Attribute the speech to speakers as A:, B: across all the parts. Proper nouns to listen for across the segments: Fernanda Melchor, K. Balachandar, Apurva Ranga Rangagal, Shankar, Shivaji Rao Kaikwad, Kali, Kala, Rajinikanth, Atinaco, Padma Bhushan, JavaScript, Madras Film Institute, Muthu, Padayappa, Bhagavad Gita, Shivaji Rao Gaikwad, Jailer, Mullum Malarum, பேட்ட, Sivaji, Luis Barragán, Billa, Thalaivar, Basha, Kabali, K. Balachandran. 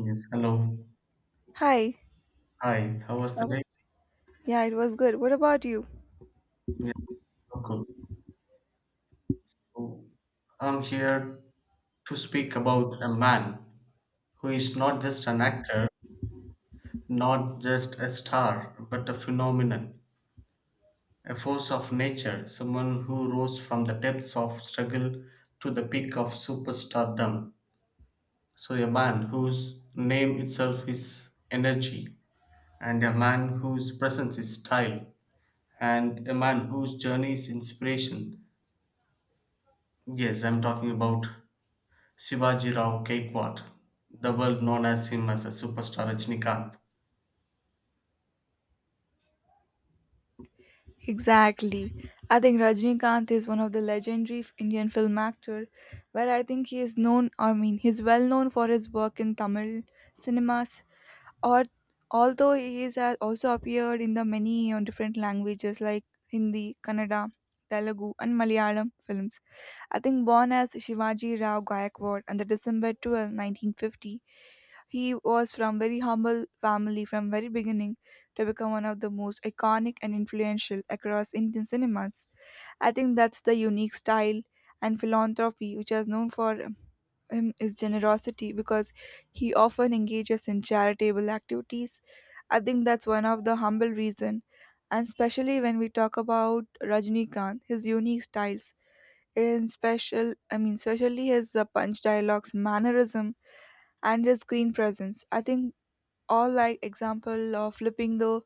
A: Yes, hello.
B: Hi.
A: Hi, how was the
B: How-
A: day?
B: Yeah, it was good. What about you?
A: Yes, so good. So, I'm here to speak about a man who is not just an actor, not just a star, but a phenomenon, a force of nature, someone who rose from the depths of struggle to the peak of superstardom. So, a man whose name itself is energy, and a man whose presence is style, and a man whose journey is inspiration. Yes, I'm talking about Shivaji Rao Kaikwad, the world known as him as a superstar Rajinikanth.
B: Exactly. I think Rajnikanth is one of the legendary Indian film actor, where I think he is known. I mean, he's well known for his work in Tamil cinemas. Or although he is also appeared in the many different languages like Hindi, Kannada, Telugu, and Malayalam films. I think born as Shivaji Rao Gaikwad on the December 12th, 1950, he was from very humble family from very beginning to become one of the most iconic and influential across Indian cinemas. I think that's the unique style and philanthropy which is known for him is generosity because he often engages in charitable activities. I think that's one of the humble reason, and especially when we talk about Rajnikant, his unique styles, in special, I mean, especially his punch dialogues, mannerism, and his screen presence. I think all like example of flipping the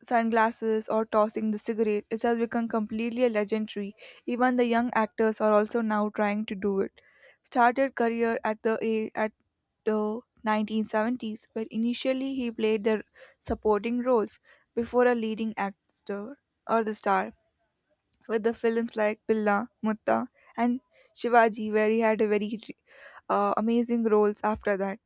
B: sunglasses or tossing the cigarette, it has become completely legendary. Even the young actors are also now trying to do it. Started career at the 1970s, where initially he played the supporting roles before a leading actor or the star with the films like Pilla, Mutta, and Shivaji, where he had a very amazing roles after that,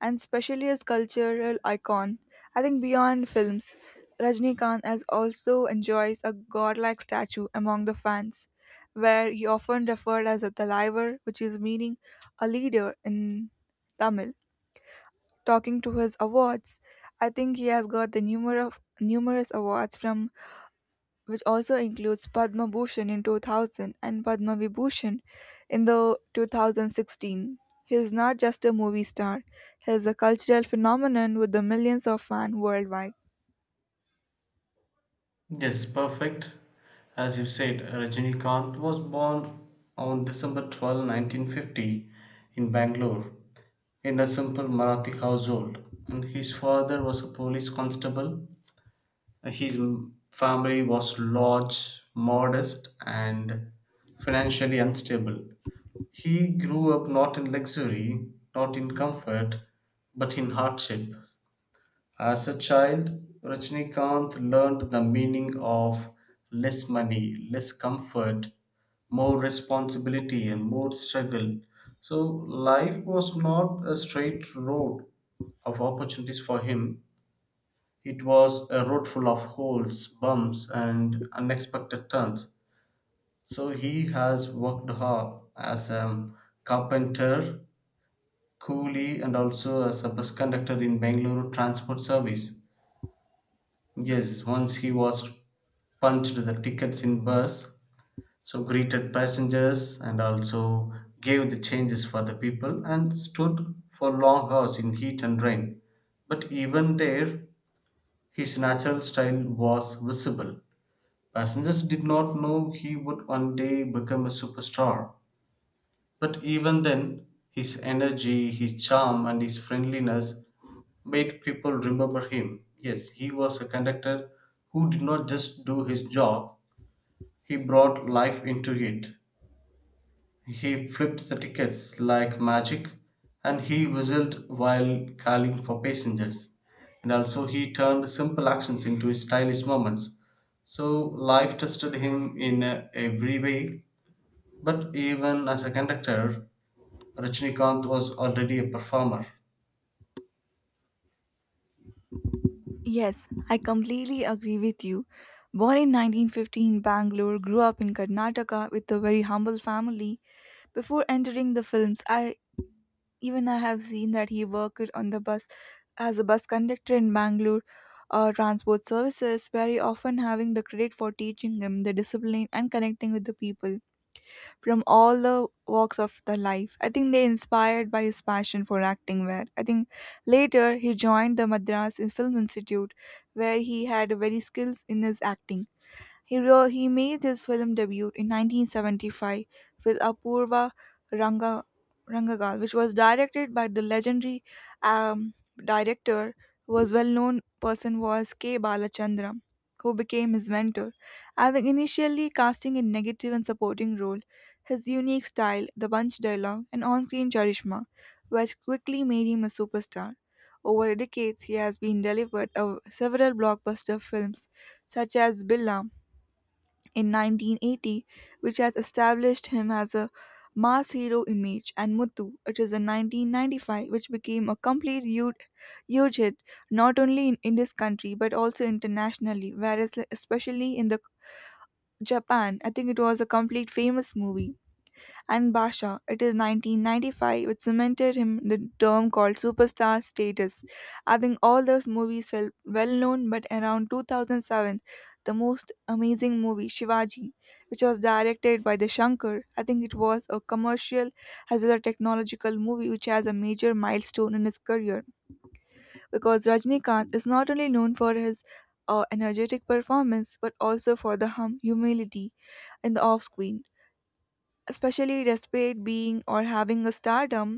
B: and especially as cultural icon. I think beyond films, Rajnikant has also enjoys a godlike statue among the fans, where he often referred as a Thalaivar, which is meaning a leader in Tamil. Talking to his awards, I think he has got the numerous awards from which also includes Padma Bhushan in 2000 and Padma Vibhushan in the 2016. He is not just a movie star, he is a cultural phenomenon with the millions of fans worldwide.
A: Yes, perfect. As you said, Rajinikanth was born on December 12th, 1950 in Bangalore, in a simple Marathi household, and his father was a police constable. His family was large, modest and financially unstable. He grew up not in luxury, not in comfort, but in hardship. As a child, Rajnikant learned the meaning of less money, less comfort, more responsibility, and more struggle. So, life was not a straight road of opportunities for him. It was a road full of holes, bumps, and unexpected turns. So, he has worked hard as a carpenter, Cooley, and also as a bus conductor in Bangalore transport service. Yes, once he was punched the tickets in bus, so greeted passengers and also gave the changes for the people and stood for long hours in heat and rain. But even there, his natural style was visible. Passengers did not know he would one day become a superstar. But even then, his energy, his charm, and his friendliness made people remember him. Yes, he was a conductor who did not just do his job, he brought life into it. He flipped the tickets like magic and he whistled while calling for passengers. And also, he turned simple actions into stylish moments. So, life tested him in every way. But even as a conductor, Rajnikant was already a performer.
B: Yes, I completely agree with you. Born in 1915 Bangalore, grew up in Karnataka with a very humble family. Before entering the films, I Even I have seen that he worked on the bus as a bus conductor in Bangalore transport services, very often having the credit for teaching him the discipline and connecting with the people from all the walks of the life. I think they inspired by his passion for acting where I think later he joined the Madras Film Institute where he had very skills in his acting. He made his film debut in 1975 with Apurva Ranga, Rangagal, which was directed by the legendary um, director who was well-known person was K. Balachandran, who became his mentor. And initially casting a negative and supporting role, his unique style, the bunch dialogue, and on-screen charisma, which quickly made him a superstar. Over decades, he has been delivered of several blockbuster films, such as Billa, in 1980, which has established him as a mass hero image, and Muthu, it is in 1995, which became a complete huge hit not only in this country but also internationally, whereas, like, especially in the Japan, I think it was a complete famous movie and Basha. It is 1995, which cemented him in the term called superstar status. I think all those movies felt well known, but around 2007, the most amazing movie, Shivaji, which was directed by the Shankar, I think it was a commercial as well as a technological movie which has a major milestone in his career because Rajnikant is not only known for his energetic performance but also for the humility in the off screen, especially despite being or having a stardom,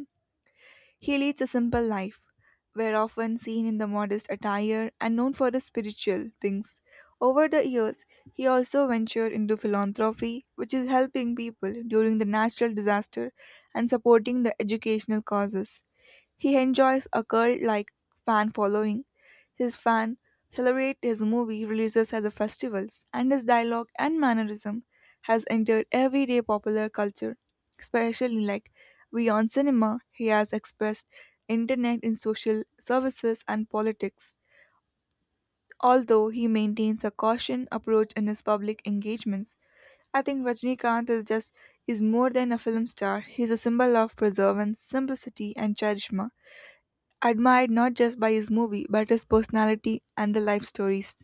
B: he leads a simple life. We're often seen in the modest attire and known for the spiritual things. Over the years, he also ventured into philanthropy, which is helping people during the natural disaster and supporting the educational causes. He enjoys a cult like fan following. His fans celebrate his movie releases at the festivals, and his dialogue and mannerism has entered everyday popular culture, especially like beyond cinema, he has expressed internet in social services and politics. Although he maintains a caution approach in his public engagements, I think Rajnikant is more than a film star. He's a symbol of preservance, simplicity, and charisma, admired not just by his movie but his personality and the life stories.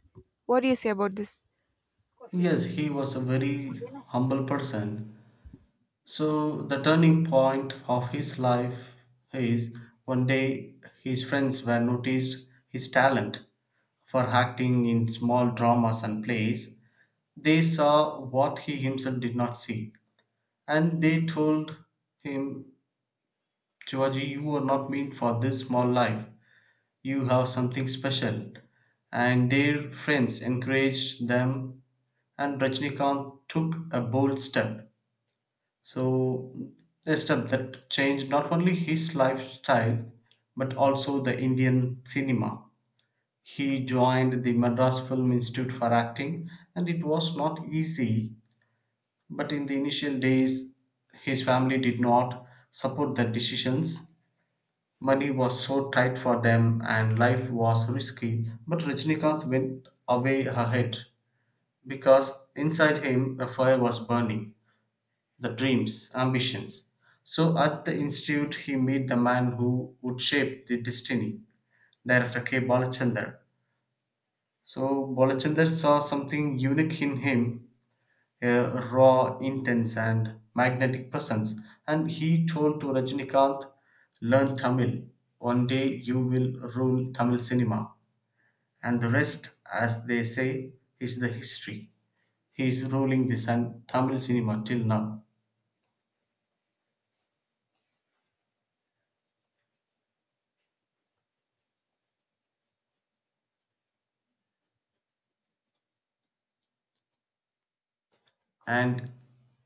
B: What do you say about this?
A: Yes, he was a very humble person. So the turning point of his life is, one day his friends were noticed his talent for acting in small dramas and plays. They saw what he himself did not see, and they told him, "Georgie, you were not meant for this small life. You have something special." And their friends encouraged them, and Rajnikant took a bold step. So, a step that changed not only his lifestyle but also the Indian cinema. He joined the Madras Film Institute for acting, and it was not easy. But in the initial days, his family did not support the decisions. Money was so tight for them, and life was risky. But Rajnikant went away ahead, because inside him a fire was burning, the dreams, ambitions. So at the institute, he met the man who would shape the destiny, director K. Balachandar. So Balachandar saw something unique in him, a raw, intense, and magnetic presence, and he told to Rajinikanth, "Learn Tamil. One day you will rule Tamil cinema, and the rest, as they say, is the history." He is ruling the sun Tamil cinema till now. And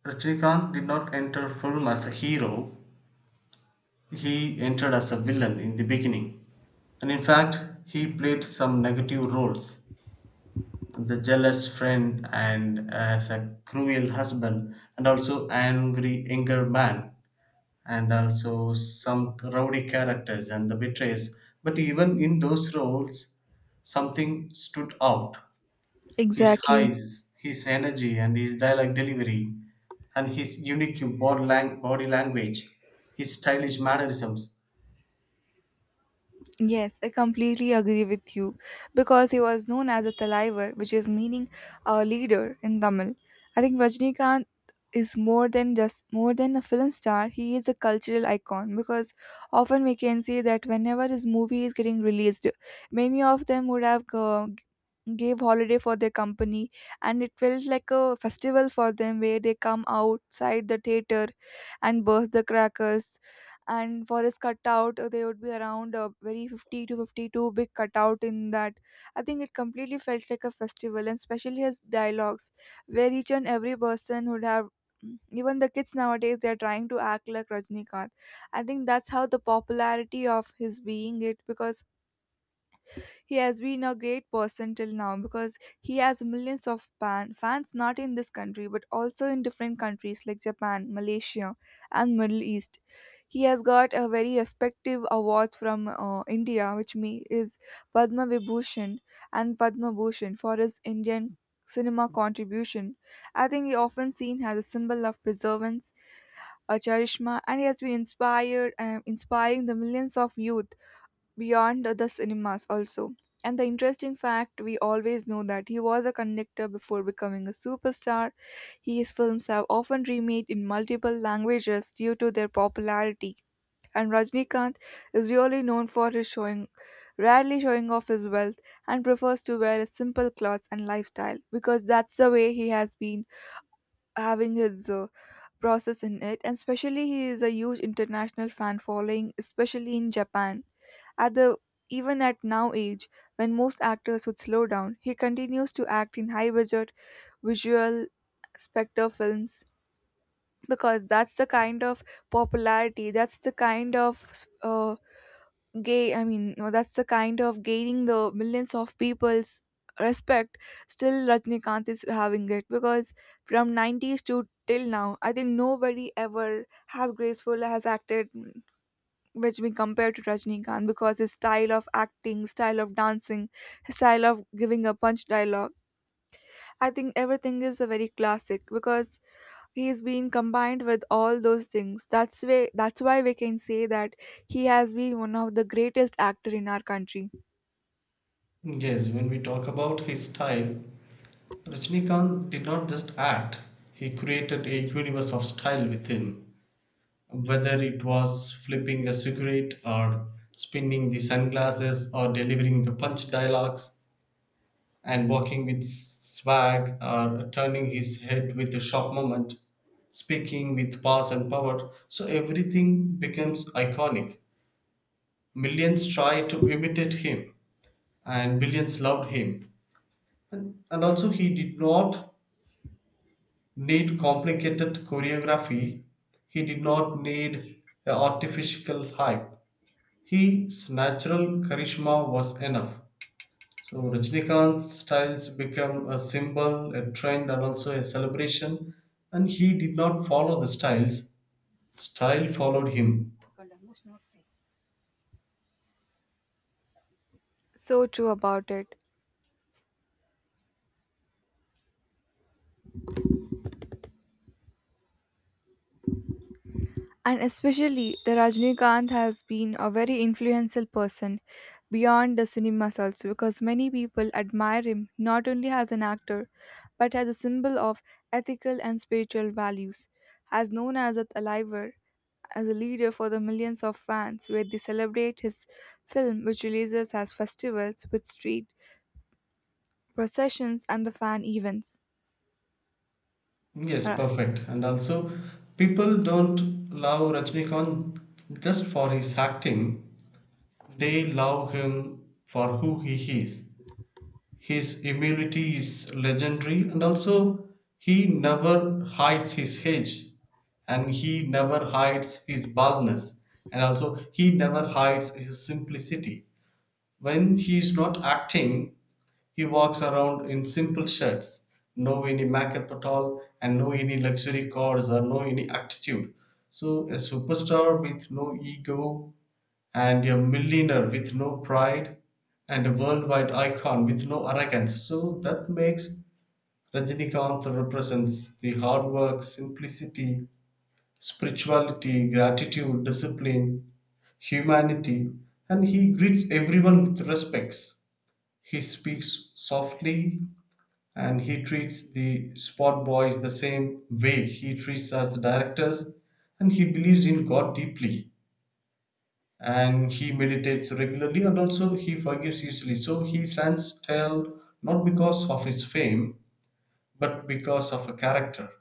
A: Rajnikant did not enter film as a hero, he entered as a villain in the beginning. And in fact, he played some negative roles, the jealous friend, and as a cruel husband, and also angry, anger man, and also some rowdy characters and the betrays. But even in those roles, something stood out, his
B: Exactly.
A: eyes, his energy, and his dialect delivery, and his unique body language, his stylish mannerisms.
B: Yes, I completely agree with you because he was known as a Talaivar, which is meaning a leader in Tamil. I think Rajnikant is more than a film star, he is a cultural icon because often we can see that whenever his movie is getting released, many of them would have gave holiday for their company and it felt like a festival for them where they come outside the theater and burst the crackers, and for his cutout there would be around a very 50 to 52 big cutout in that. I think it completely felt like a festival, and especially his dialogues where each and every person would have even the kids nowadays they are trying to act like Rajnikant. I think that's how the popularity of his being it, because he has been a great person till now because he has millions of fans not in this country but also in different countries like Japan, Malaysia, and Middle East. He has got a very respective awards from India, which me is Padma Vibhushan and Padma Bhushan for his Indian cinema contribution. I think he often seen as a symbol of perseverance, a charisma, and he has been inspired and inspiring the millions of youth beyond the cinemas also. And the interesting fact we always know that he was a conductor before becoming a superstar. His films have often remade in multiple languages due to their popularity, and Rajnikanth is really known for his showing rarely showing off his wealth and prefers to wear a simple clothes and lifestyle because that's the way he has been having his process in it, and especially he is a huge international fan following especially in Japan at the even at now age. When most actors would slow down, he continues to act in high budget visual spectre films because that's the kind of popularity, that's the kind of gay I mean no, that's the kind of gaining the millions of people's respect still Rajnikant is having it because from 90s to till now I think nobody ever has graceful has acted which we compare to Rajnikant because his style of acting, style of dancing, his style of giving a punch dialogue, I think everything is a very classic because he's been combined with all those things. That's why we can say that he has been one of the greatest actor in our country.
A: Yes, when we talk about his style, Rajnikant did not just act, he created a universe of style within. Whether it was flipping a cigarette or spinning the sunglasses or delivering the punch dialogues, and walking with swag or turning his head with a sharp movement, speaking with pause and power, so everything becomes iconic. Millions tried to imitate him, and billions loved him. And also, he did not need complicated choreography, he did not need a artificial hype. His natural charisma was enough. So Rajnikant's styles become a symbol, a trend, and also a celebration. And he did not follow the styles, style followed him.
B: So true about it. And especially the Rajnikant has been a very influential person beyond the cinemas also because many people admire him not only as an actor but as a symbol of ethical and spiritual values. As known as a Aliver, as a leader for the millions of fans where they celebrate his film which releases as festivals with street processions and the fan events.
A: Yes, perfect. And also, people don't love Rajnikant just for his acting, they love him for who he is. His humility is legendary, and also he never hides his age, and he never hides his baldness, and also he never hides his simplicity. When he is not acting, he walks around in simple shirts, no any makeup at all, and no any luxury cars or no any attitude. So a superstar with no ego, and a millionaire with no pride, and a worldwide icon with no arrogance. So that makes Rajinikanth represents the hard work, simplicity, spirituality, gratitude, discipline, humanity, and he greets everyone with respects. He speaks softly, and he treats the spot boys the same way he treats us the directors, and he believes in God deeply, and he meditates regularly, and also he forgives easily. So he stands tall not because of his fame, but because of a character.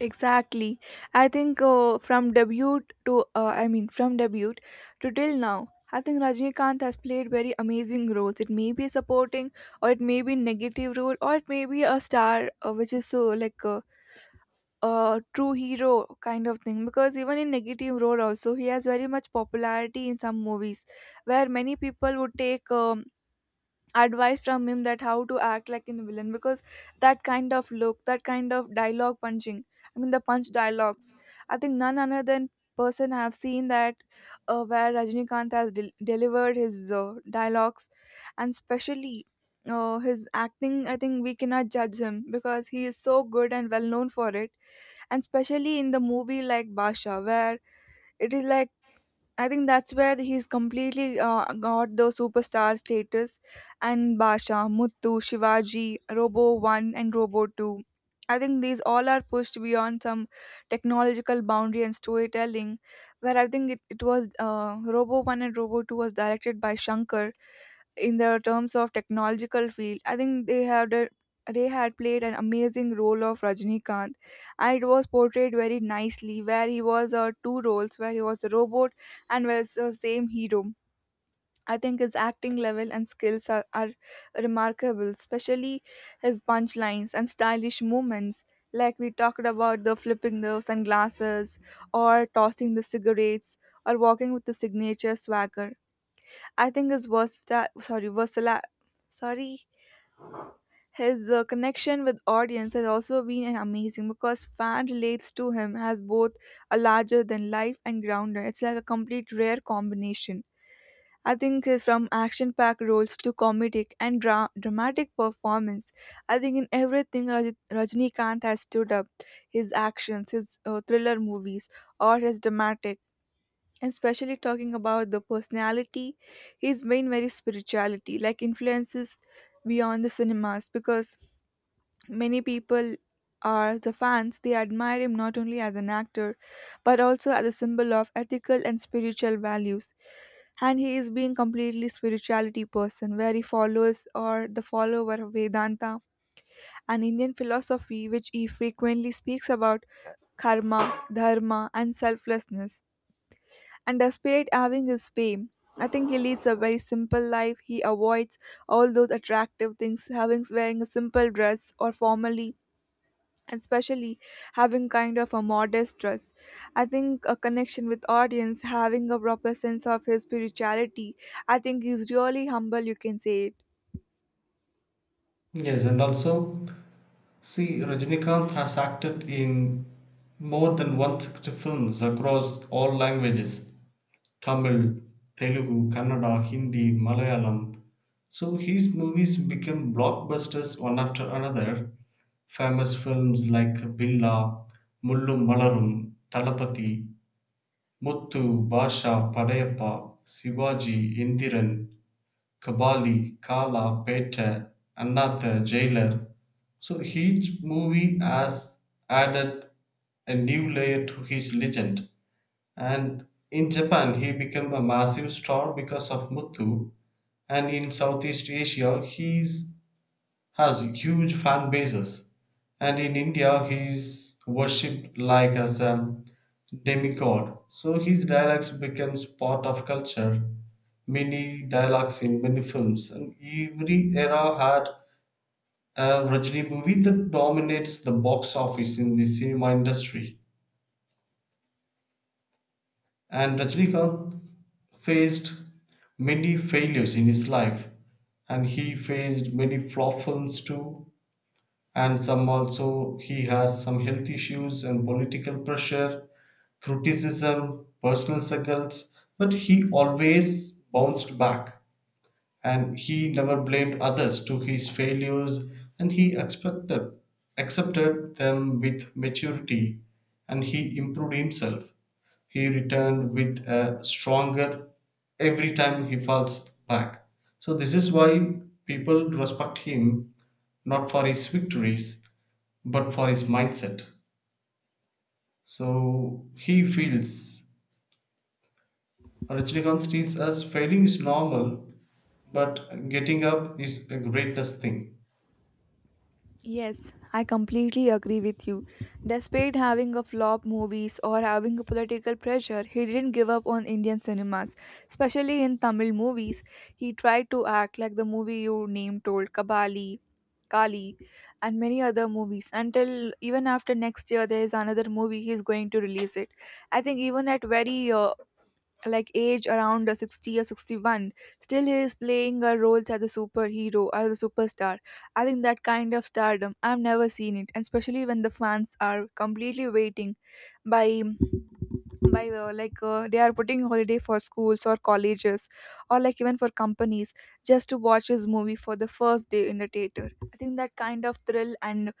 B: Exactly. I think from debut to till now, I think Rajnikant has played very amazing roles. It may be supporting, or it may be negative role, or it may be a star, which is so like a true hero kind of thing. Because even in negative role also, he has very much popularity in some movies, where many people would take. Advice from him that how to act like in villain, because that kind of look, that kind of dialogue punching, I mean the punch dialogues, I think none other than person have seen that where Rajnikant has delivered his dialogues, and especially his acting, I think we cannot judge him because he is so good and well known for it, and especially in the movie like Basha where it is like I think that's where he's completely got the superstar status, and Basha, Muttu, Shivaji, Robo 1 and Robo 2. I think these all are pushed beyond some technological boundary and storytelling where I think it was Robo 1 and Robo 2 was directed by Shankar in the terms of technological field. I think they had played an amazing role of Rajnikant, and it was portrayed very nicely where he was two roles where he was a robot and was the same hero. I think his acting level and skills are remarkable, especially his punchlines and stylish movements. Like we talked about the flipping the sunglasses, or tossing the cigarettes, or walking with the signature swagger. I think his versatile, sorry, his connection with audience has also been an amazing because fan relates to him as both a larger than life and grounder. It's like a complete rare combination. I think from action-packed roles to comedic and dramatic performance, I think in everything Rajinikanth has stood up. His actions, his thriller movies, or his dramatic. And especially talking about the personality, he's been very spirituality, like influences beyond the cinemas. Because many people are the fans; they admire him not only as an actor, but also as a symbol of ethical and spiritual values, and he is being completely spirituality person where he follows or the follower of Vedanta, an Indian philosophy which he frequently speaks about karma, dharma, and selflessness. And despite having his fame, I think he leads a very simple life. He avoids all those attractive things, having wearing a simple dress or formally, and especially having kind of a modest dress. I think a connection with audience having a proper sense of his spirituality, I think he's really humble, you can say it.
A: Yes, and also, see, Rajinikanth has acted in more than 160 films across all languages, Tamil, Telugu, Kannada, Hindi, Malayalam. So his movies became blockbusters one after another. Famous films like Billa, Mullum Malarum, Talapati, Muthu, Basha, Padayappa, Sivaji, Indiran, Kabali, Kala, பேட்ட, another, Jailer. So each movie has added a new layer to his legend. And in Japan, he became a massive star because of Muthu, and in Southeast Asia, he is has huge fan bases, and in India he's worshipped like as a demigod. So his dialects becomes part of culture, many dialects in many films, and every era had a Rajni movie that dominates the box office in the cinema industry. And Rajnikant faced many failures in his life, and he faced many flop films too, and some also he has some health issues and political pressure, criticism, personal struggles. But he always bounced back, and he never blamed others to his failures, and he expected accepted them with maturity, and he improved himself. He returned with a stronger every time he falls back. So this is why people respect him not for his victories but for his mindset. So he feels Rajnikanth sees as failing is normal, but getting up is a greatest thing.
B: Yes, I completely agree with you. Despite having a flop movies or having a political pressure, he didn't give up on Indian cinemas. Especially in Tamil movies, he tried to act like the movie you name told, Kabali, Kali, and many other movies. Until even after next year, there is another movie he's going to release it. I think even at very like age around 60 or 61, still he is playing roles as a superhero, as a superstar. I think that kind of stardom I've never seen it. And especially when the fans are completely waiting by they are putting holiday for schools or colleges, or like even for companies, just to watch his movie for the first day in the theater. I think that kind of thrill and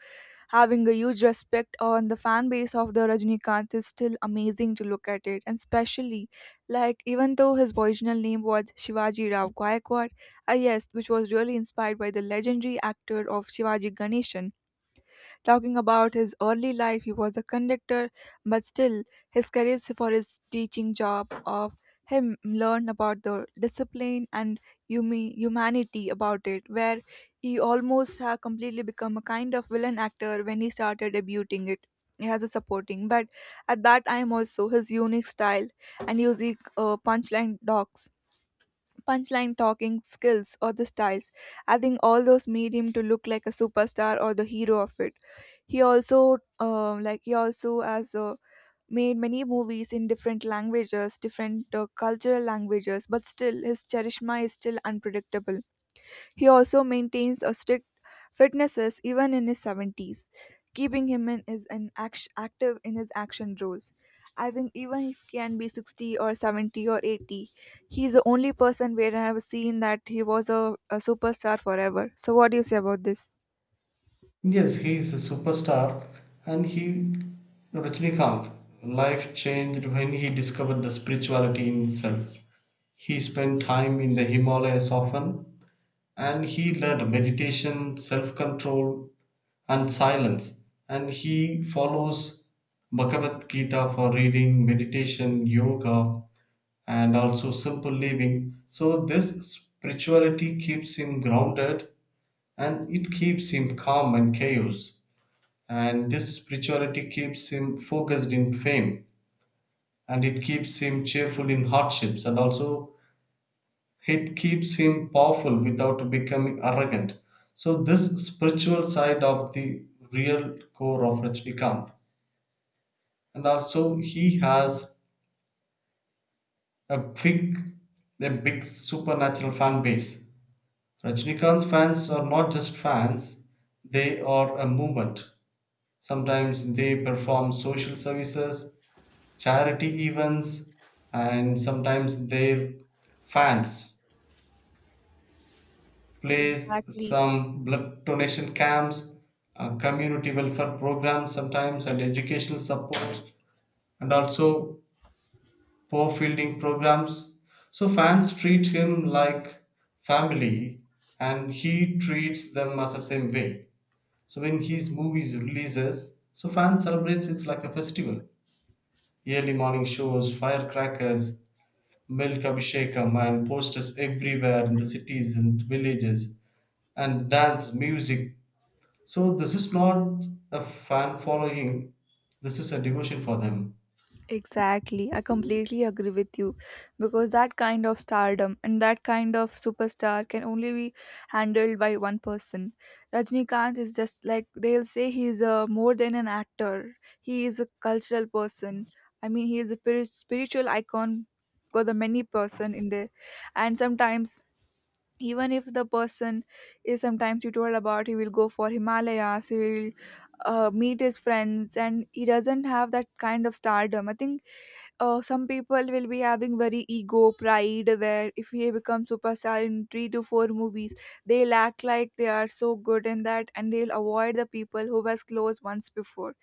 B: having a huge respect on the fan base of the Rajnikant is still amazing to look at it. And especially, like, even though his original name was Shivaji Rao Gaikwad, yes, which was really inspired by the legendary actor of Shivaji Ganeshan, talking about his early life. He was a conductor, but still, his career for his teaching job of him learned about the discipline and humanity about it, where he almost had completely become a kind of villain actor when he started debuting it. He has a supporting, but at that time also his unique style and using punchline docs, punchline talking skills or the styles. I think all those made him to look like a superstar or the hero of it. He also has a made many movies in different languages, different cultural languages, but still his charisma is still unpredictable. He also maintains a strict fitnesses even in his 70s, keeping him in is an active in his action roles. I think even if he can be 60 or 70 or 80, he's the only person where I have seen that he was a superstar forever. So what do you say about this?
A: Yes, he is a superstar, and he Rajnikanth life changed when he discovered the spirituality in himself. He spent time in the Himalayas often, and he learned meditation, self control, and silence, and he follows Bhagavad Gita for reading, meditation, yoga, and also simple living. So, this spirituality keeps him grounded, and it keeps him calm and chaos. And this spirituality keeps him focused in fame, and it keeps him cheerful in hardships, and also it keeps him powerful without becoming arrogant. So, this spiritual side of the real core of Rajnikant. And also he has a big a big supernatural fan base. Rajnikant fans are not just fans, they are a movement. Sometimes they perform social services, charity events, and sometimes their fans plays
B: Exactly.
A: some blood donation camps, community welfare programs sometimes, and educational support, and also poor fielding programs. So fans treat him like family, and he treats them as the same way. So when his movies releases, so fans celebrates it like a festival. Early morning shows, firecrackers, milk abhishekam and posters everywhere in the cities and villages, and dance, music. So this is not a fan following. This is a devotion for them.
B: Exactly. I completely agree with you, because that kind of stardom and that kind of superstar can only be handled by one person. Rajnikant is just like they'll say he's a more than an actor. He is a cultural person. I mean, he is a spiritual icon for the many person in there. And sometimes, even if the person is, sometimes you told about he will go for Himalayas, he will meet his friends, and he doesn't have that kind of stardom. I think some people will be having very ego pride, where if they become superstar in three to four movies, they'll act like they are so good in that and they'll avoid the people who was close once before.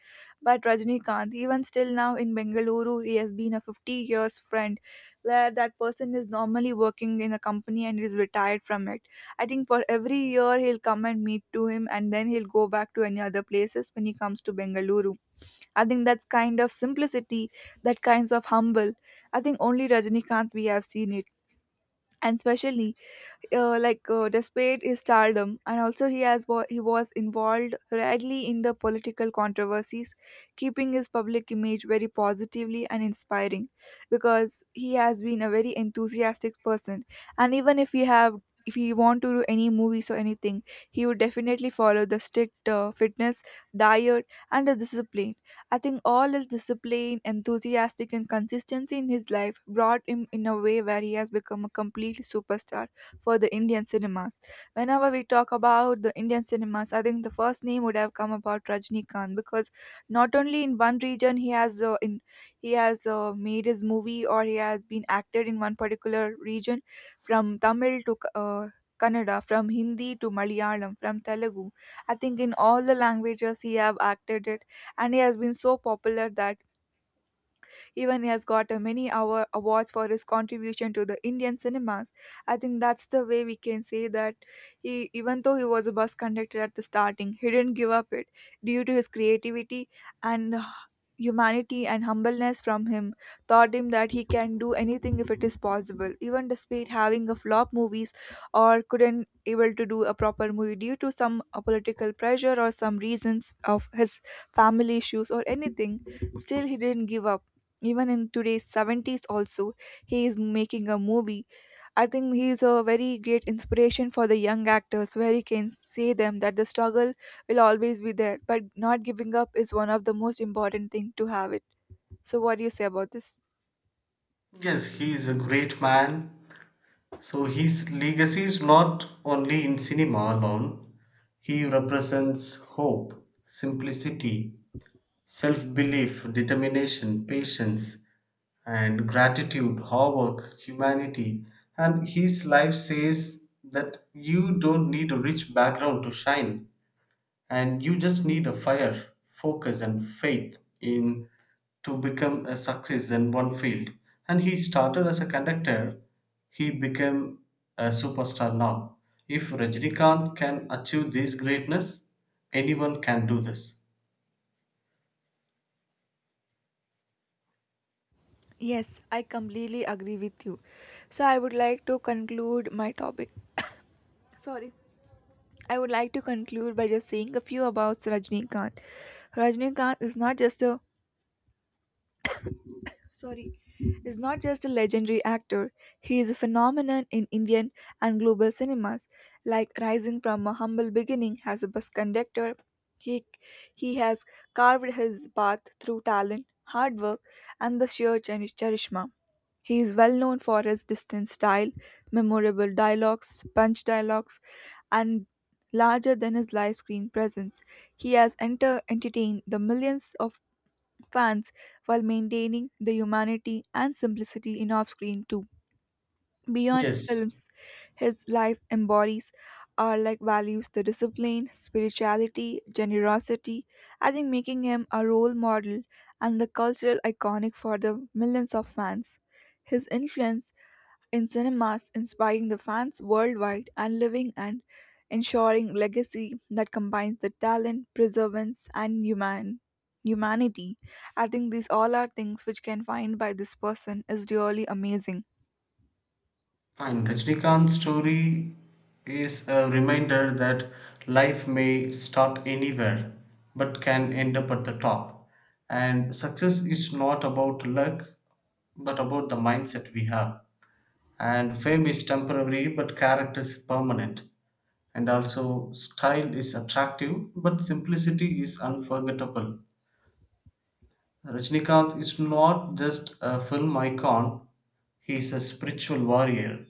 B: But Rajnikant, even still now in Bengaluru, he has been a 50 years friend, where that person is normally working in a company and is retired from it. I think for every year he'll come and meet to him, and then he'll go back to any other places when he comes to Bengaluru. I think that's kind of simplicity, that kinds of humble. I think only Rajinikanth we have seen it. And especially, despite his stardom, and also he has he was involved rarely in the political controversies, keeping his public image very positively and inspiring, because he has been a very enthusiastic person. And even if he have, if he want to do any movies or anything, he would definitely follow the strict fitness, diet, and the discipline. I think all his discipline, enthusiastic, and consistency in his life brought him in a way where he has become a complete superstar for the Indian cinemas. Whenever we talk about the Indian cinemas, I think the first name would have come about Rajnikant, because not only in one region he has in he has made his movie or he has been acted in one particular region, from Tamil to Kannada, from Hindi to Malayalam, from Telugu. I think in all the languages he have acted, and he has been so popular that even he has got many our awards for his contribution to the Indian cinemas. I think that's the way we can say that he, even though he was a bus conductor at the starting, he didn't give up it due to his creativity and. Humanity and humbleness from him taught him that he can do anything if it is possible, even despite having a flop movies, or couldn't able to do a proper movie due to some political pressure or some reasons of his family issues or anything, still he didn't give up. Even in today's 70s also, he is making a movie. I think he is a very great inspiration for the young actors, where he can say them that the struggle will always be there, but not giving up is one of the most important thing to have it. So what do you say about this?
A: Yes, he is a great man. So his legacy is not only in cinema alone. He represents hope, simplicity, self-belief, determination, patience, and gratitude, hard work, humanity. And his life says that you don't need a rich background to shine, and you just need a fire focus and faith in to become a success in one field, and he started as a conductor, he became a superstar now. If Rajnikant can achieve this greatness, anyone can do this.
B: Yes, I completely agree with you. So I would like to conclude my topic. I would like to conclude by just saying a few about Rajnikanth. Rajnikanth is not just a legendary actor, he is a phenomenon in Indian and global cinemas. Like rising from a humble beginning as a bus conductor, he, he has carved his path through talent, hard work, and the sheer charisma. He is well known for his distinct style, memorable dialogues, punch dialogues, and larger than his live screen presence. He has entertained the millions of fans while maintaining the humanity and simplicity in off screen too. Beyond
A: Yes,
B: films, his life embodies are like values the discipline, spirituality, generosity. I think making him a role model and the cultural iconic for the millions of fans. His influence in cinemas inspiring the fans worldwide and living and ensuring legacy that combines the talent, preservance, and humanity. I think these all are things which can find by this person is really amazing.
A: fine. Rajnikant's story is a reminder that life may start anywhere but can end up at the top. And success is not about luck, but about the mindset we have. And fame is temporary, but character is permanent. And also, style is attractive, but simplicity is unforgettable. Rajnikanth is not just a film icon, he is a spiritual warrior,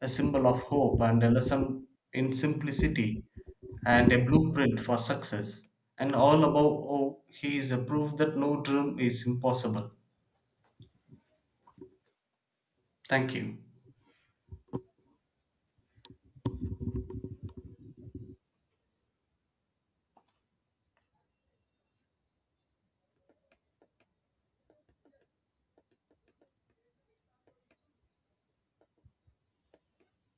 A: a symbol of hope and a lesson in simplicity, and a blueprint for success. And all above all, he is a proof that no dream is impossible. Thank you.